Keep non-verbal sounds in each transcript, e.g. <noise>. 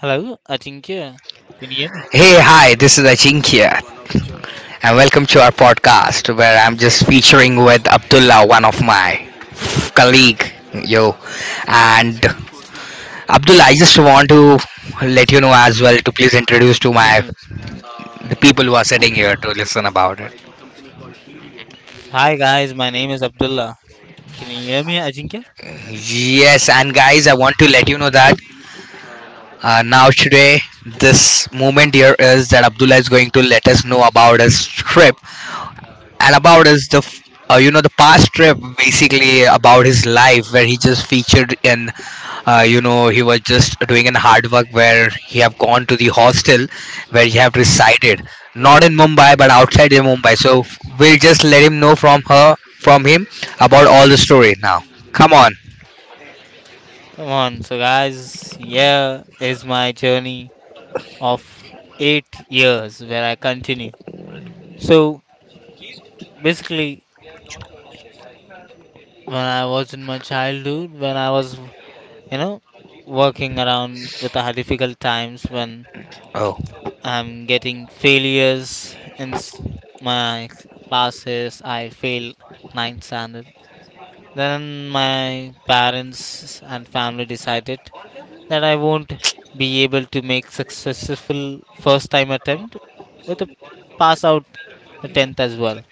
Hello, Ajinkya. Can you hear me? Hey, hi, this is Ajinkya, and welcome to our podcast where I'm just featuring with Abdullah, one of my colleague, yo. And Abdullah, I just want to let you know as well to please introduce to my Mhm. the people who are sitting here to listen about it. So, hi guys, my name is Abdullah. Can you hear me, Ajinkya? Yes, and guys, I want to let you know that now today this moment here is that Abdullah is going to let us know about his trip and about is the you know the past trip, basically about his life, where he just featured in you know, he was just doing an hard work where he have gone to the hostel where he have resided, not in Mumbai but outside in Mumbai. So we'll just let him know from her from him about all the story now. Come on. Come on. So guys, here is my journey of 8 years where I continue. So basically, when I was in my childhood, when I was, you know, working around with difficult times, when I'm getting failures in my classes, I fail ninth standard. Then my parents and family decided that I won't be able to make successful first time attempt with a pass out the 10th as well.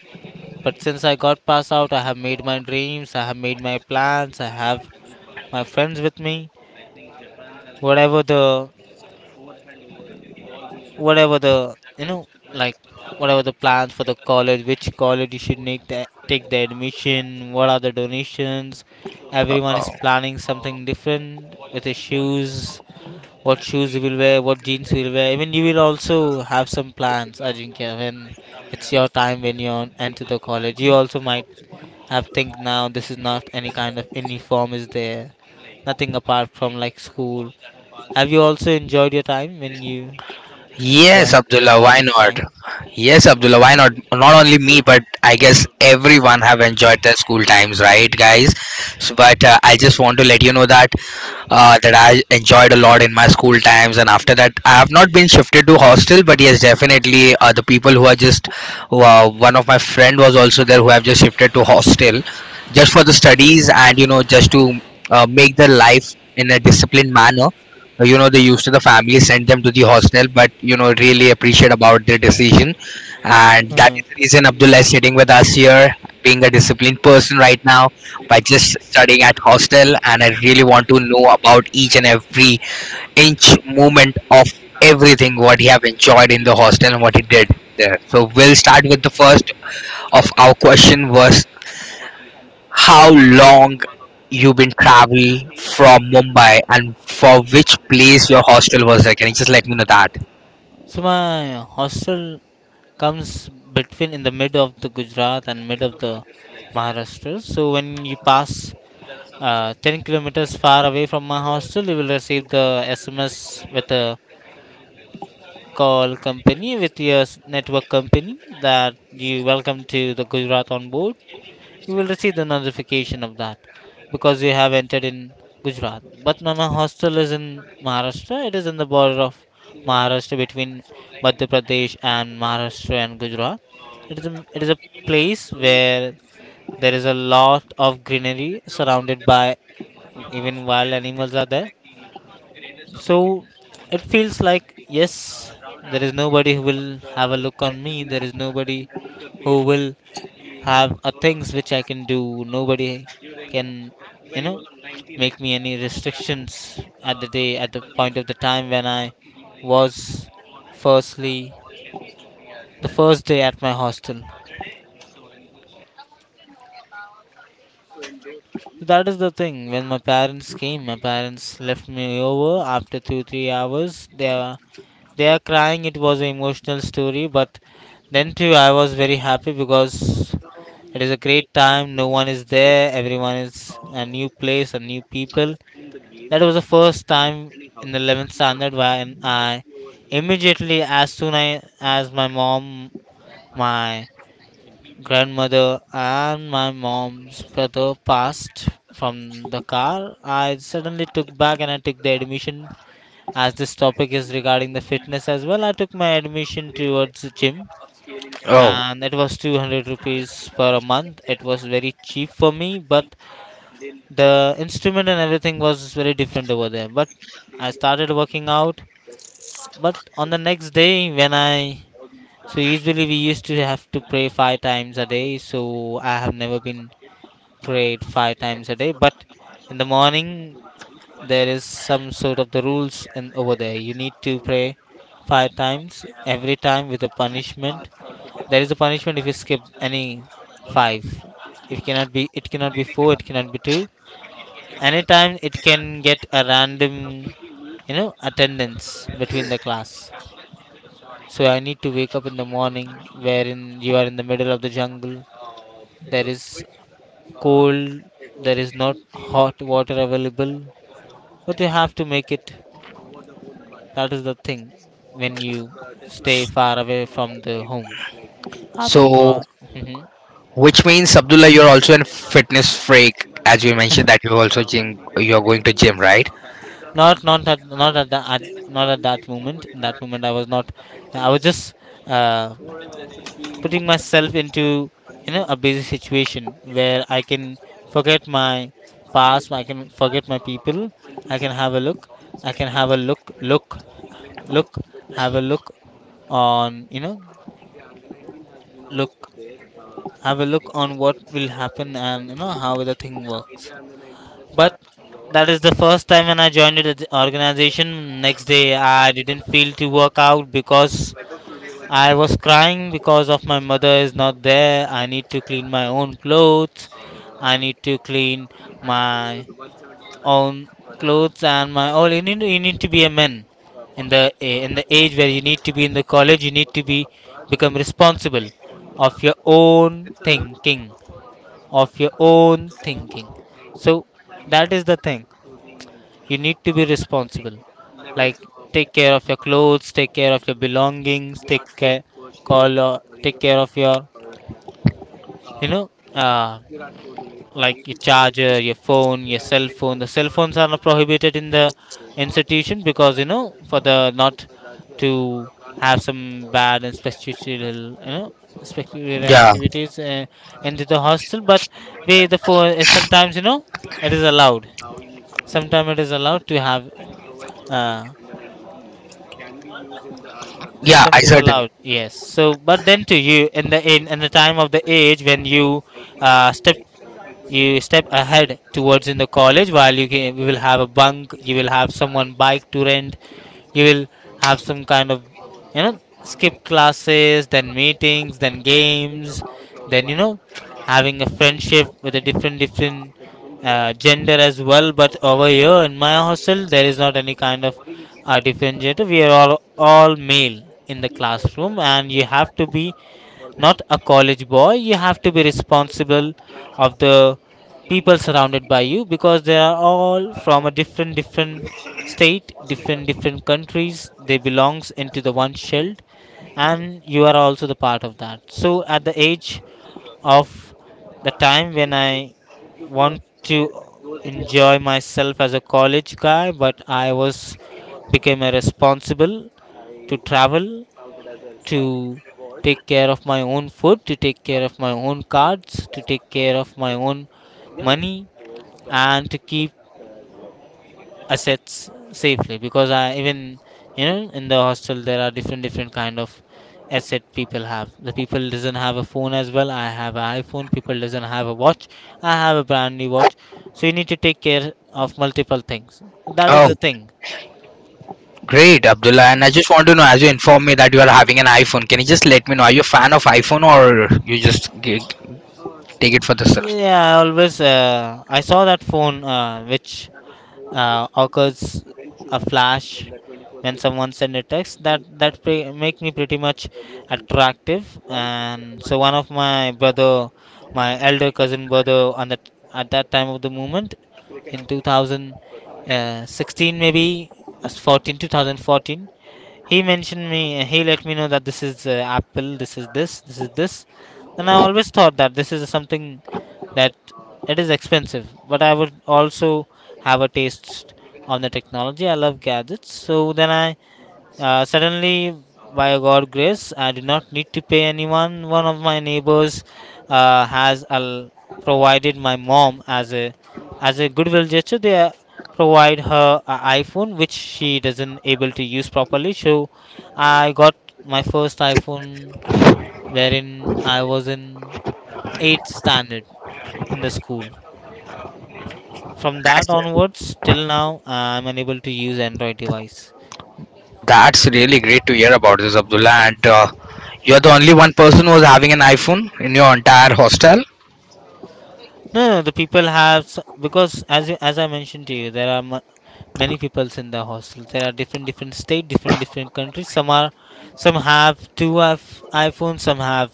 But since I got pass out, I have made my dreams, I have made my plans, I have my friends with me. Whatever the whatever the, like, whatever the plans for the college, which college you should make the, take the admission, what are the donations. Everyone is Oh. planning something different with his shoes, what shoes he will wear, what jeans he will wear. Even you will also have some plans, Ajinkya, when it's your time, when you are enter the college you also might have think now this is not any kind of uniform is there, nothing apart from like school. Have you also enjoyed your time when you Yes, join your Abdullah, why college not? time? Yes, Abdullah, why not? Not only me, but I guess everyone have enjoyed their school times, right, guys? So, but I just want to let you know that that I enjoyed a lot in my school times, and after that, I have not been shifted to hostel. But yes, definitely the people who are just who are, one of my friend was also there who have just shifted to hostel, just for the studies, and you know, just to make their life in a disciplined manner, like, you know, they used to the family sent them to the hostel, but you know, really appreciate about their decision. And that Mhm. is the reason Abdullah is sitting with us here, being a disciplined person right now by just studying at hostel. And I really want to know about each and every inch movement of everything what he have enjoyed in the hostel and what he did there. So we'll start with the first of our question was, how long you been travel from Mumbai and for which place your hostel was there? Can you just let me know that? So my hostel comes between in the mid of the Gujarat and mid of the Maharashtra. So when you pass 10 kilometers far away from my hostel, you will receive the SMS with a call company with your network company that you welcome to the Gujarat on board. You will receive the notification of that because you have entered in Gujarat. But now my hostel is in Maharashtra. It is in the border of Maharashtra between Madhya Pradesh and Maharashtra and Gujarat. It is a place where there is a lot of greenery surrounded by even wild animals are there. So it feels like yes, there is nobody who will have a look on me. There is nobody who will have things which I can do. Nobody can, you know, make me any restrictions at the day, at the point of the time when I was firstly, the first day at my hostel. So that is the thing. When my parents came, my parents left me over after two, 3 hours. They are crying. It was an emotional story, but then too, I was very happy because it is a great time. No one is there. Everyone is a new place, a new people. That was the first time in the 11th standard when I immediately, as my mom, my grandmother, and my mom's brother passed from the car, I suddenly took back and I took the admission. As this topic is regarding the fitness as well, I took my admission towards the gym Oh, and it was 200 rupees per a month. It was very cheap for me, but the instrument and everything was very different over there. But I started working out. But on the next day when I, so usually we used to have to pray five times a day. So I have never been prayed five times a day, but in the morning there is some sort of the rules and over there you need to pray five times every time with a punishment. There is a punishment if you skip any five. It cannot be four, it cannot be two. Anytime it can get a random, attendance between the class. So I need to wake up in the morning, wherein you are in the middle of the jungle. There is cold, there is not hot water available, but you have to make it. That is the thing when you stay far away from the home. After so 12, Mhm. which means Abdullah, you're also a fitness freak, as you mentioned that you also gym, you're going to gym, right? Not not at that moment. In that moment, I was not. I was just uh, putting myself into a busy situation where I can forget my past, I can forget my people, I can have a look, I can have a look, look, have a look on look have a look on what will happen. And you know how the thing works. But that is the first time when I joined the organization. Next day I didn't feel to work out because I was crying because of my mother is not there. I need to clean my own clothes. I need to clean my own clothes and my all. You need to be a man in the age where you need to be in the college. You need to be become responsible of your own thinking, of your own thinking. So that is the thing, you need to be responsible, like take care of your clothes, take care of your belongings, take care, call or take care of your, you know uh, like your charger, your phone, your cell phone. The cell phones are not prohibited in the institution because for the not to have some bad and speculative you know speculative Yeah, activities, into the hostel. But we the phone is sometimes, it is allowed. Sometimes it is allowed to have, uh, yeah, symptom I it is certain. allowed, yes. So, but then to you in the, time of the age when you, step you step ahead towards in the college, while you will have a bunk, you will have someone bike to rent, you will have some kind of, skip classes, then meetings, then games, then having a friendship with a different different gender as well. But over here in my hostel there is not any kind of different gender, we are all male in the classroom. And you have to be, not a college boy, you have to be responsible of the people surrounded by you because they are all from a different different state, different different countries, they belongs into the one shield. And you are also the part of that. So at the age of the time when I want to enjoy myself as a college guy, but I was became a responsible to travel, to take care of my own food, to take care of my own cards, to take care of my own money, and to keep assets safely. Because I even, in the hostel there are different different kind of asset people have. The people doesn't have a phone as well. I have an iPhone. People doesn't have a watch. I have a brand new watch. So you need to take care of multiple things. That is Oh, the thing. great, Abdullah. And I just want to know, as you inform me that you are having an iPhone, can you just let me know, are you a fan of iPhone or you just g- take it for the self? Yeah, I always, I saw that phone, which occurs a flash when someone send a text, make me pretty much attractive. And so one of my brother, my elder cousin brother, on that at that time of the moment in 2016, maybe uh, 14 2014, he mentioned me, he let me know that this is, Apple, this is this, this is this. Then I always thought that this is something that it is expensive, but I would also have a taste on the technology. I love gadgets. So then I, suddenly, by God grace, I did not need to pay anyone. One of my neighbors, uh, has al- provided my mom as a goodwill gesture. They, provide her a iPhone which she doesn't able to use properly. So I got my first iPhone wherein I was in eighth standard in the school. From that That's onwards till now, I'm unable to use Android device. that's really great to hear about this, Abdullah. And you're the only one person who's having an iPhone in your entire hostel. No, no, the people have, because as I mentioned to you, there are, many peoples in the hostel. There are different different state, different different countries. Some have two, iPhones, some have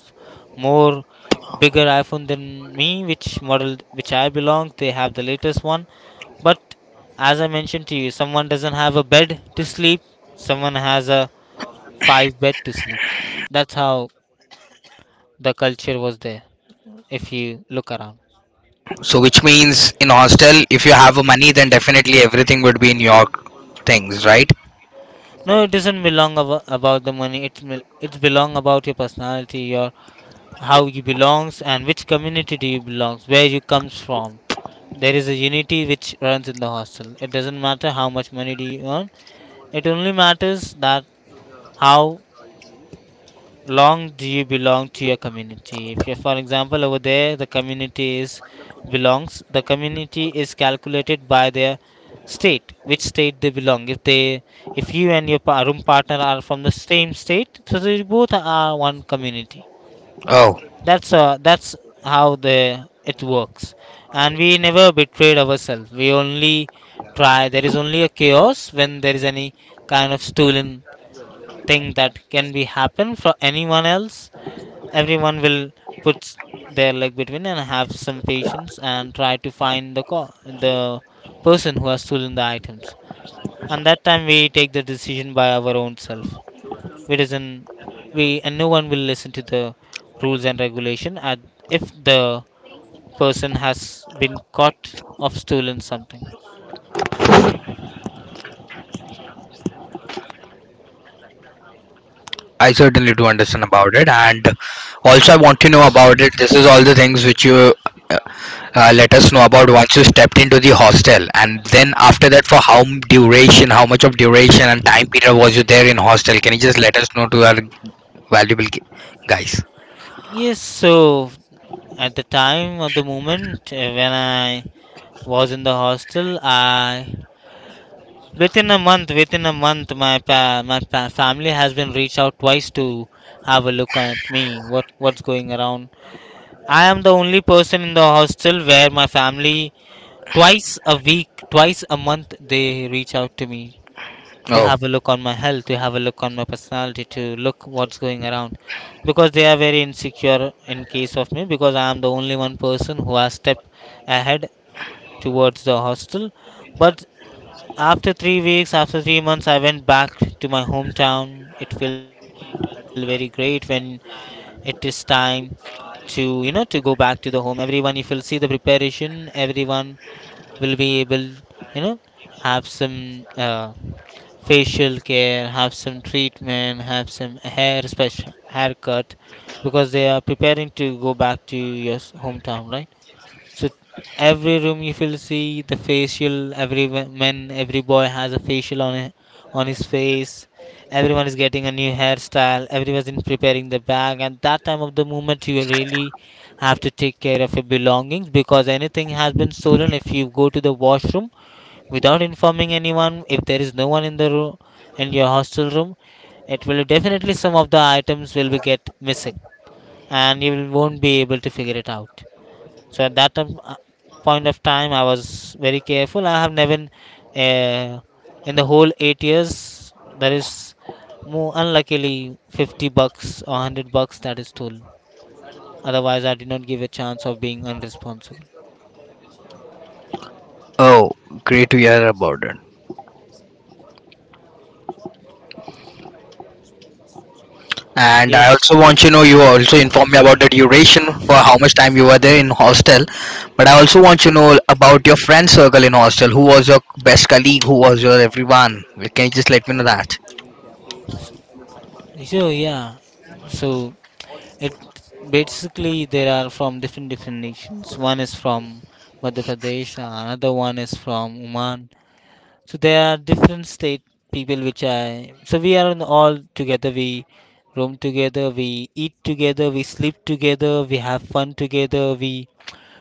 more bigger iPhone than me, which model which I belong. They have the latest one. But as I mentioned to you, someone doesn't have a bed to sleep. Someone has a five bed to sleep. That's how the culture was there. If you look around. So, which means in hostel, if you have money, then definitely everything would be in your things, right? No, it doesn't belong, about the money. It's belong about your personality, your how you belongs, and which community do you belongs, where you comes from. There is a unity which runs in the hostel. It doesn't matter how much money do you earn. It only matters that how long do you belong to your community. If you, for example, over there the community is belongs, the community is calculated by their state, which state they belong. If they, if you and your room partner are from the same state, so they both are one community. Oh, That's how the it works, and we never betrayed ourselves. We only try. There is only a chaos when there is any kind of stolen thing that can be happen for anyone else. Everyone will put their leg between and have some patience and try to find the the person who has stolen the items. And that time we take the decision by our own self. we doesn't we and no one will listen to the rules and regulation. And if the person has been caught of stolen something. I certainly do understand about it, and also I want to know about it. This is all the things which you uh, let us know about once you stepped into the hostel. And then after that, for how m- duration how much of duration and time period was you there in hostel? Can you just let us know to our valuable gu- guys? Yes, so at the time of the moment, when I was in the hostel, I within a month, my family has been reached out twice to have a look at me. What's going around? I am the only person in the hostel where my family, twice a week, twice a month, they reach out to me to Oh. have a look on my health, to have a look on my personality, to look what's going around, because they are very insecure in case of me, because I am the only one person who has stepped ahead towards the hostel. But after 3 weeks, after 3 months, I went back to my hometown. It felt very great when it is time to, to go back to the home. Everyone, if you'll see the preparation, everyone will be able, have some facial care, have some treatment, have some hair special haircut, because they are preparing to go back to your hometown, right? So every room you will see the facial. Every man, every boy has a facial on it, on his face. Everyone is getting a new hairstyle. Everyone's in preparing the bag, and that time of the moment you really have to take care of your belongings, because anything has been stolen. If you go to the washroom without informing anyone, if there is no one in the room, in your hostel room, it will definitely, some of the items will be get missing, and you will, won't be able to figure it out. So at that time, point of time, I was very careful. I have never, uh, in the whole 8 years, there is more unluckily 50 bucks or 100 bucks that is stolen. Otherwise, I did not give a chance of being unresponsible. Oh, great to hear about it. And I Yes. also want to know, you also inform me about the duration for how much time you were there in hostel. But I also want to know about your friend circle in hostel. Who was your best colleague? Who was your everyone? Can you just let me know that? So yeah, so it basically there are from different different nations. One is from Madhya Pradesh, another one is from Oman. So there are different state people which I, so we are in all together. We roam together, we eat together, we sleep together, we have fun together. We,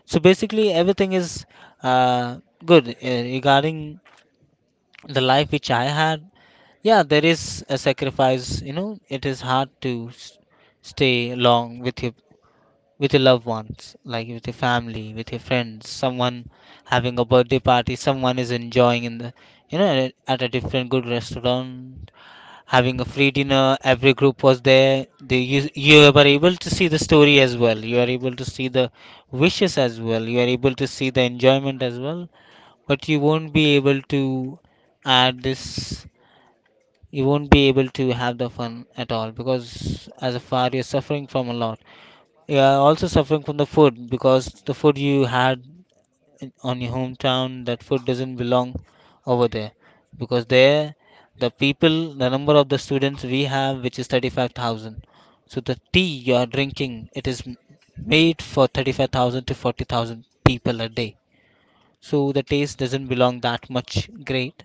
so basically everything is uh, good, regarding the life which I had. Yeah, there is a sacrifice. You know, it is hard to stay long with your, with your loved ones, like with your family, with your friends, someone having a birthday party, someone is enjoying in the, you know, at a different good restaurant, having a free dinner. Every group was there. They, you were able to see the story as well. You are able to see the wishes as well. You are able to see the enjoyment as well. But you won't be able to add this. You won't be able to have the fun at all, because as a far you're suffering from a lot, yeah, also suffering from the food, because the food you had on your hometown, that food doesn't belong over there, because there the people, the number of the students we have, which is 35,000. So the tea you are drinking, it is made for 35,000 to 40,000 people a day. So the taste doesn't belong that much great.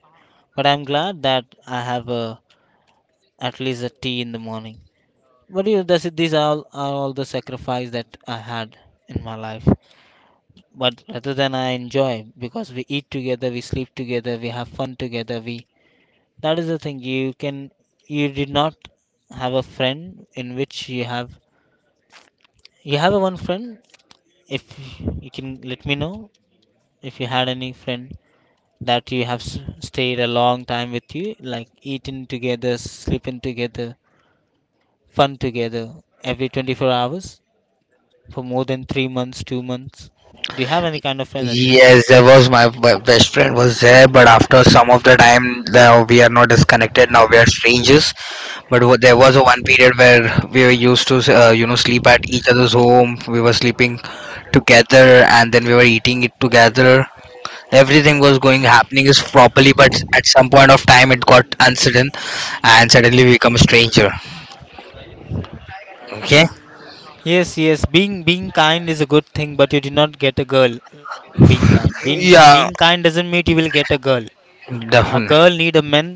But I'm glad that I have a, at least a tea in the morning. But yeah, that's it. These are all the sacrifice that I had in my life. But rather than I enjoy because we eat together, we sleep together, we have fun together. We, that is the thing. You can, you did not have a friend in which you have, you have a one friend. If you can let me know if you had any friend that you have stayed a long time with you, like eating together, sleeping together, fun together every 24 hours, for more than 3 months, 2 months? Do you have any kind of energy? Yes, there was my best friend was there, but after some of the time, now we are not disconnected. Now we are strangers. But there was a one period where we were used to, you know, sleep at each other's home. We were sleeping together, and then we were eating it together. Everything was going happening is properly, but at some point of time, it got uncertain, and suddenly we become a stranger. Okay. Yes, yes. Being kind is a good thing, but you did not get a girl. Being kind, being Yeah, being kind doesn't mean you will get a girl. A girl definitely need a man,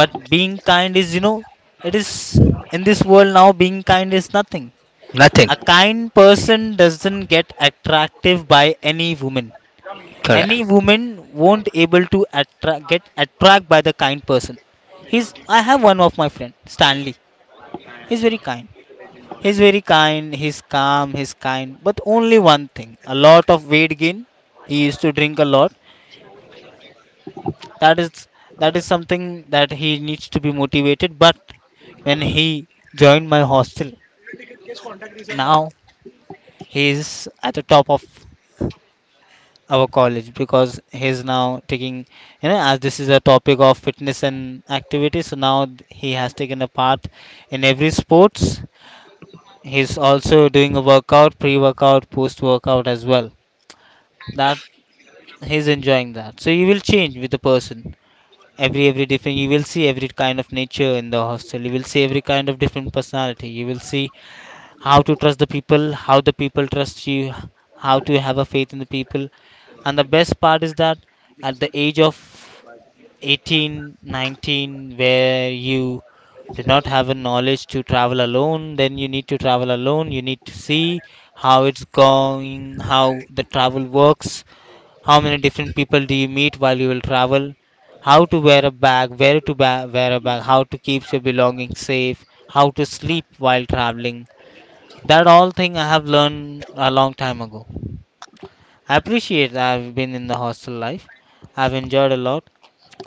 but being kind is, you know, it is, in this world now, being kind is nothing. nothing. A kind person doesn't get attractive by any woman. Any Correct. woman won't able to attract, get attract by the kind person. He's, I have one of my friend Stanley. He's very kind. He's very kind. He's calm. He's kind. But only one thing: a lot of weight gain. He used to drink a lot. That is that is something that he needs to be motivated. But when he joined my hostel, now he is at the top of our college, because he is now taking, you know, as this is a topic of fitness and activity, so now he has taken a part in every sports. He's also doing a workout, pre workout, post workout as well, that he's enjoying that. So you will change with the person. Every different, you will see every kind of nature in the hostel. You will see every kind of different personality. You will see how to trust the people, how the people trust you, how to have a faith in the people. And the best part is that at the age of 18, 19, where you do not have a knowledge to travel alone, then you need to travel alone. You need to see how it's going, how the travel works, how many different people do you meet while you will travel, how to wear a bag, where to wear a bag, how to keep your belongings safe, how to sleep while traveling. That all thing I have learned a long time ago. I appreciate I've been in the hostel life. I've enjoyed a lot,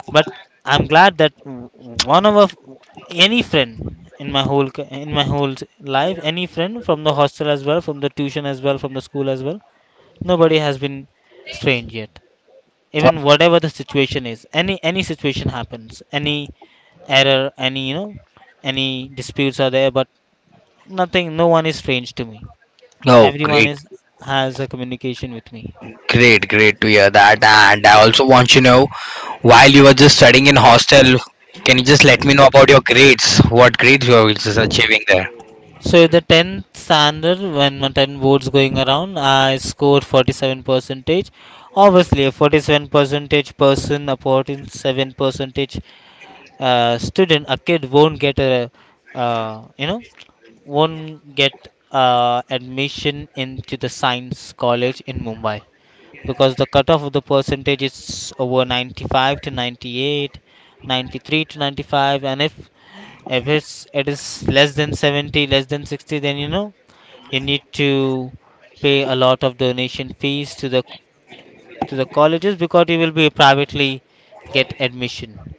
but I'm glad that one of a, any friend in my whole life, any friend from the hostel as well, from the tuition as well, from the school as well, nobody has been strange yet. Even whatever the situation is, any situation happens, any error, any, you know, any disputes are there, but nothing, no one is strange to me. Oh, Everyone great. is, has a communication with me. Great, great to hear that. And I also want to know, while you were just studying in hostel, can you just let me know about your grades? What grades you were just achieving there? So the 10th standard, when my 10 boards going around, I scored 47 percentage. Obviously a 47 percentage person, a 47 percentage student, a kid won't get a, uh, you know won't get admission into the science college in Mumbai, because the cutoff of the percentage is over 95 to 98, 93 to 95. And if, if it is less than 70, less than 60, then you know you need to pay a lot of donation fees to the, to the colleges, because you will be privately get admission.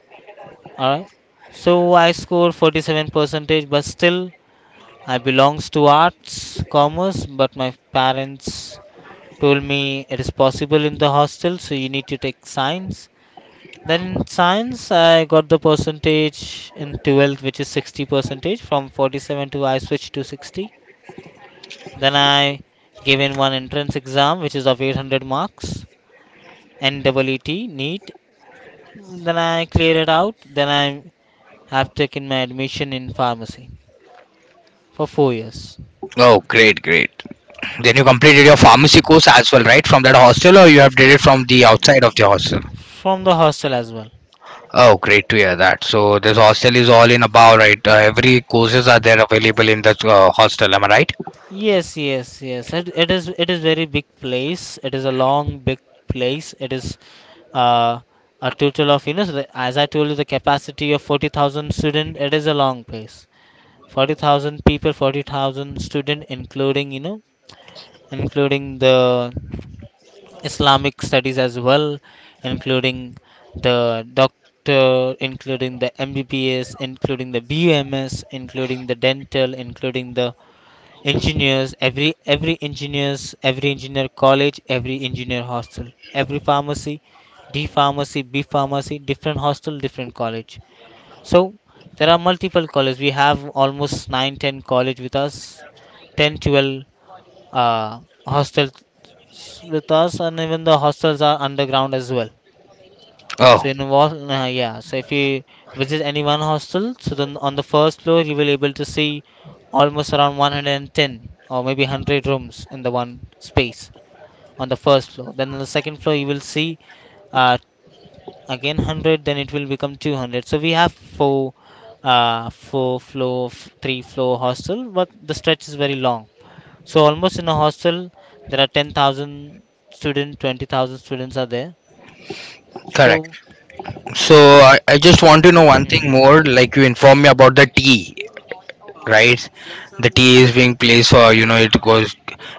All right. So I scored 47 percentage, but still I belongs to arts, commerce, but my parents told me it is possible in the hostel, so you need to take science. Then in science, I got the percentage in 12th, which is 60 percentage. From 47 to I switched to 60. Then I gave in one entrance exam, which is of 800 marks, NEET, NEET. Then I cleared it out. Then I have taken my admission in pharmacy for 4 years, Oh, great, great. Then you completed your pharmacy course as well, right? From that hostel, or you have did it from the outside of the hostel? from the hostel as well. Oh, great to hear that. So this hostel is all in about, right? Every courses are there available in the hostel. Am I right? Yes, yes, yes. It is very big place. It is a long big place. It is, uh, a total of, you know, so the, as I told you, the capacity of 40,000 student. It is a long place. 40,000 people, 40,000 student, including, you know, including the Islamic studies as well, including the doctor, including the MBBS, including the BUMS, including the dental, including the engineers, every engineers, every engineer college, every engineer hostel, every pharmacy, d pharmacy, b pharmacy, different hostel, different college. So there are multiple colleges. We have almost 9, 10 college with us, ten, 12, 12 hostels with us, and even the hostels are underground as well. Oh, So in what? Yeah. So if you visit any one hostel, so then on the first floor you will able to see almost around 110 or maybe 100 rooms in the one space on the first floor. Then on the second floor you will see, uh, again 100. Then it will become 200. So we have four, four floor, three floor hostel, but the stretch is very long. So almost in a hostel there are 10,000 students, 20,000 students are there. correct. So. So I just want to know one thing more. <laughs> Like, you informed me about the tea, right? The tea is being placed, or you know, it goes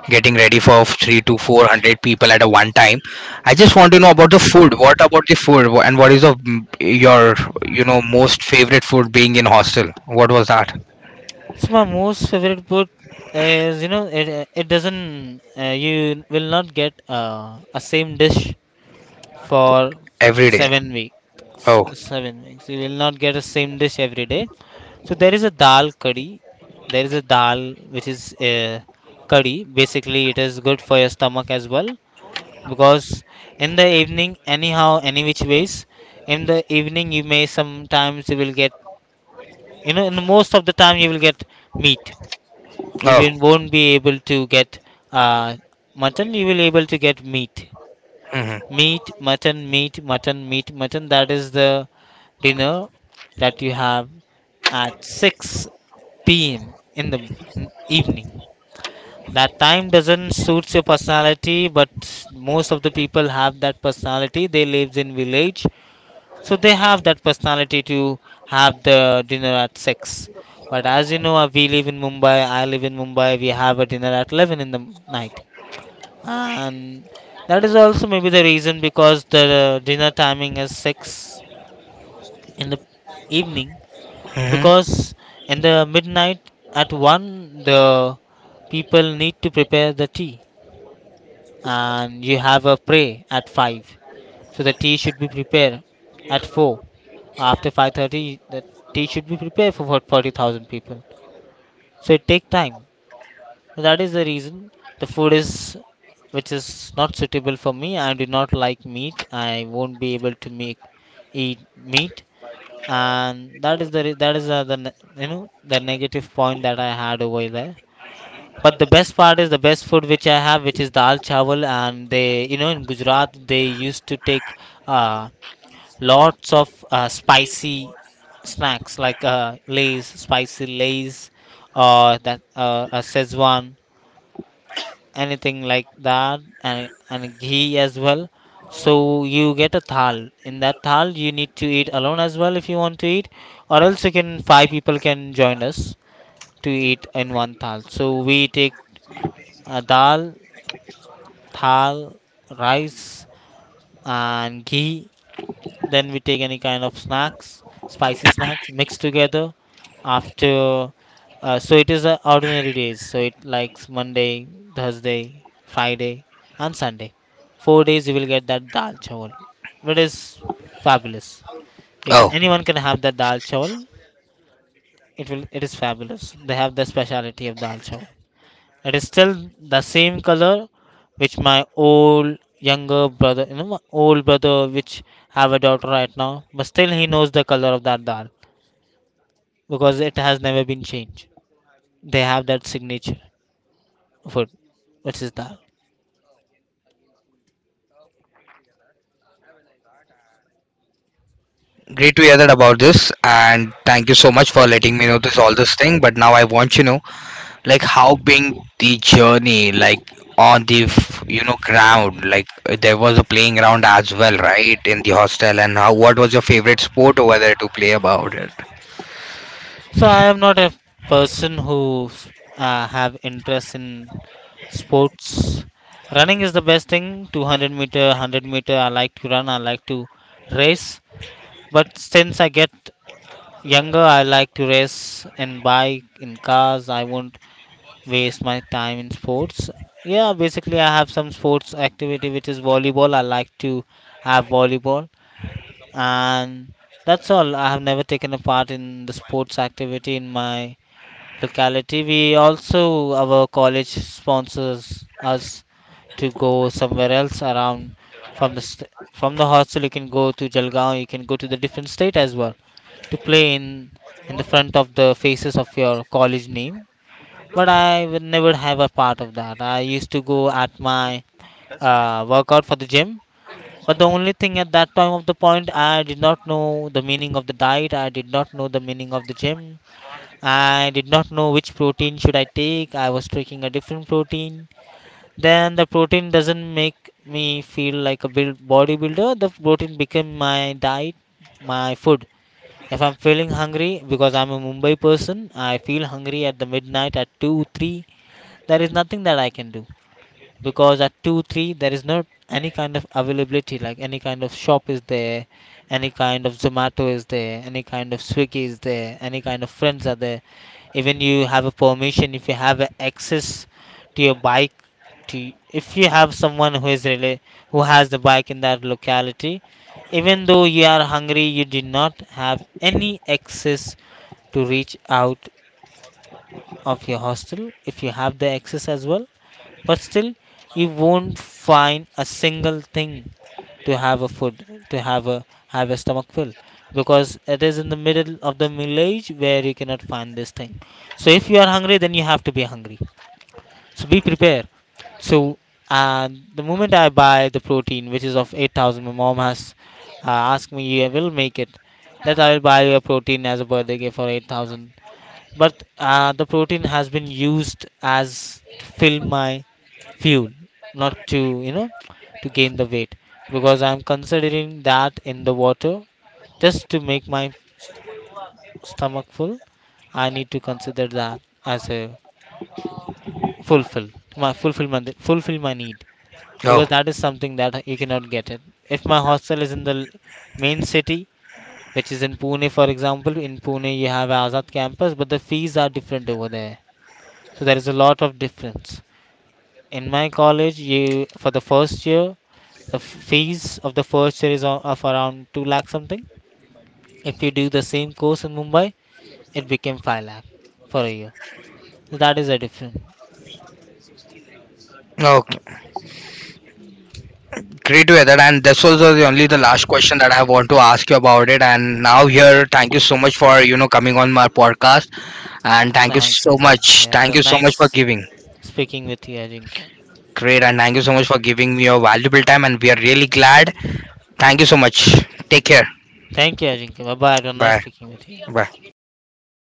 getting ready for three to four hundred people at a one time. I just want to know about the food. What about the food? And what is the, your you know most favorite food being in hostel? What was that So my most favorite book is it doesn't. You will not get a same dish for every day? 7 weeks. Oh. 7 weeks you will not get a same dish every day. So there is a dal curry. There is a dal which is curry. Basically, it is good for your stomach as well because in the evening, anyhow, any which ways, in the evening you may sometimes you will get in most of the time you will get meat. Oh, Won't be able to get uh, mutton. You will able to get meat, hmm. meat, mutton, meat, mutton, meat, mutton. That is the dinner that you have at 6 p.m. in the m- evening. That time doesn't suits your personality, but most of the people have that personality. They lives in village so they have that personality to have the dinner at 6. But as you know, we live in Mumbai, I live in Mumbai, we have a dinner at 11 in the night. And that is also maybe the reason because the dinner timing is 6 in the evening. Hmm. Because in the midnight at 1, the people need to prepare the tea, and you have a pray at 5, so the tea should be prepared at 4. After 5:30 the tea should be prepared for what 40,000 people, so it take time. That is the reason the food is, which is not suitable for me. I do not like meat. I won't be able to make eat meat. And that is the ne- you know the negative point that I had over there. But the best part is the best food which I have, which is dal chawal. And they, in Gujarat they used to take uh, lots of spicy snacks like lays, spicy lays, or that a szechuan, anything like that, and ghee as well. So you get a thal. In that thal, you need to eat alone as well if you want to eat, or else you can five people can join us to eat in one thal. So we take dal thal, rice, and ghee. Then we take any kind of snacks, spicy snacks mixed together. After, so it is ordinary days. So it likes Monday, Thursday, Friday, and Sunday. 4 days you will get that dal chawal. It is fabulous. You can Oh. anyone can have that dal chawal. It is fabulous. They have the speciality of dal chawal. It is still the same color which my old younger brother, my old brother which have a daughter right now, but still he knows the color of that dal because it has never been changed. They have that signature food, which is dal. Great to hear that about this, and thank you so much for letting me know this all this thing. But now I want you know, like, how being the journey, like on the you know ground, like there was a playing ground as well, right, in the hostel, and how what was your favorite sport over there to play about it. So I am not a person who have interest in sports. Running is the best thing. 200 meter, 100 meter. I like to run. I like to race. But since I get younger, I like to race and bike in cars. I won't waste my time in sports. Yeah, basically, I have some sports activity which is volleyball. I like to have volleyball, and that's all. I have never taken a part in the sports activity in my locality. We also, our college sponsors us to go somewhere else around from the hostel. You can go to Jalgaon. You can go to the different state as well to play in the front of the faces of your college name. But I would never have a part of that. I used to go at my workout for the gym. But the only thing at that time of the point, I did not know the meaning of the diet. I did not know the meaning of the gym. I did not know which protein should I take. I was taking a different protein. Then the protein doesn't make me feel like a build bodybuilder. The protein became my diet, my food. If I'm feeling hungry, because I'm a Mumbai person, I feel hungry at the midnight at 2, 3. There is nothing that I can do because at 2 3 there is not any kind of availability, like any kind of shop is there, any kind of zomato is there, any kind of swiggy is there, any kind of friends are there. Even you have a permission, if you have a access to your bike, to if you have someone who is really who has the bike in that locality, even though you are hungry you did not have any access to reach out of your hostel. If you have the access as well but still you won't find a single thing to have a food, to have a stomach fill, because it is in the middle of the village where you cannot find this thing. So if you are hungry then you have to be hungry. So be prepared. So, and the moment I buy the protein which is of 8,000, my mom has asked me I will make it, that I will buy you a protein as a birthday gift for 8,000. But the protein has been used as to fill my fuel, not to, you know to gain the weight, because I'm considering that in the water just to make my stomach full. I need to consider that as a fulfill my fulfillment fulfill my need. Because Oh, that is something that you cannot get it if my hostel is in the main city, which is in Pune. For example, in Pune you have Azad campus but the fees are different over there. So there is a lot of difference. In my college you for the first year, the fees of the first year is of around 2 lakh something. If you do the same course in Mumbai, it became 5 lakh for a year. So that is a difference. okay, great to hear that. And this was the only the last question that I want to ask you about it. And now here, thank you so much for you know coming on my podcast. And thank you Thank you, so much, Ajinkya. It thank was you so much for nice giving. speaking with you, Ajinkya. Great, and thank you so much for giving me your valuable time, and we are really glad. Thank you so much. Take care. Thank you, Ajinkya. Bye bye. It was nice Bye speaking with you. bye. Bye.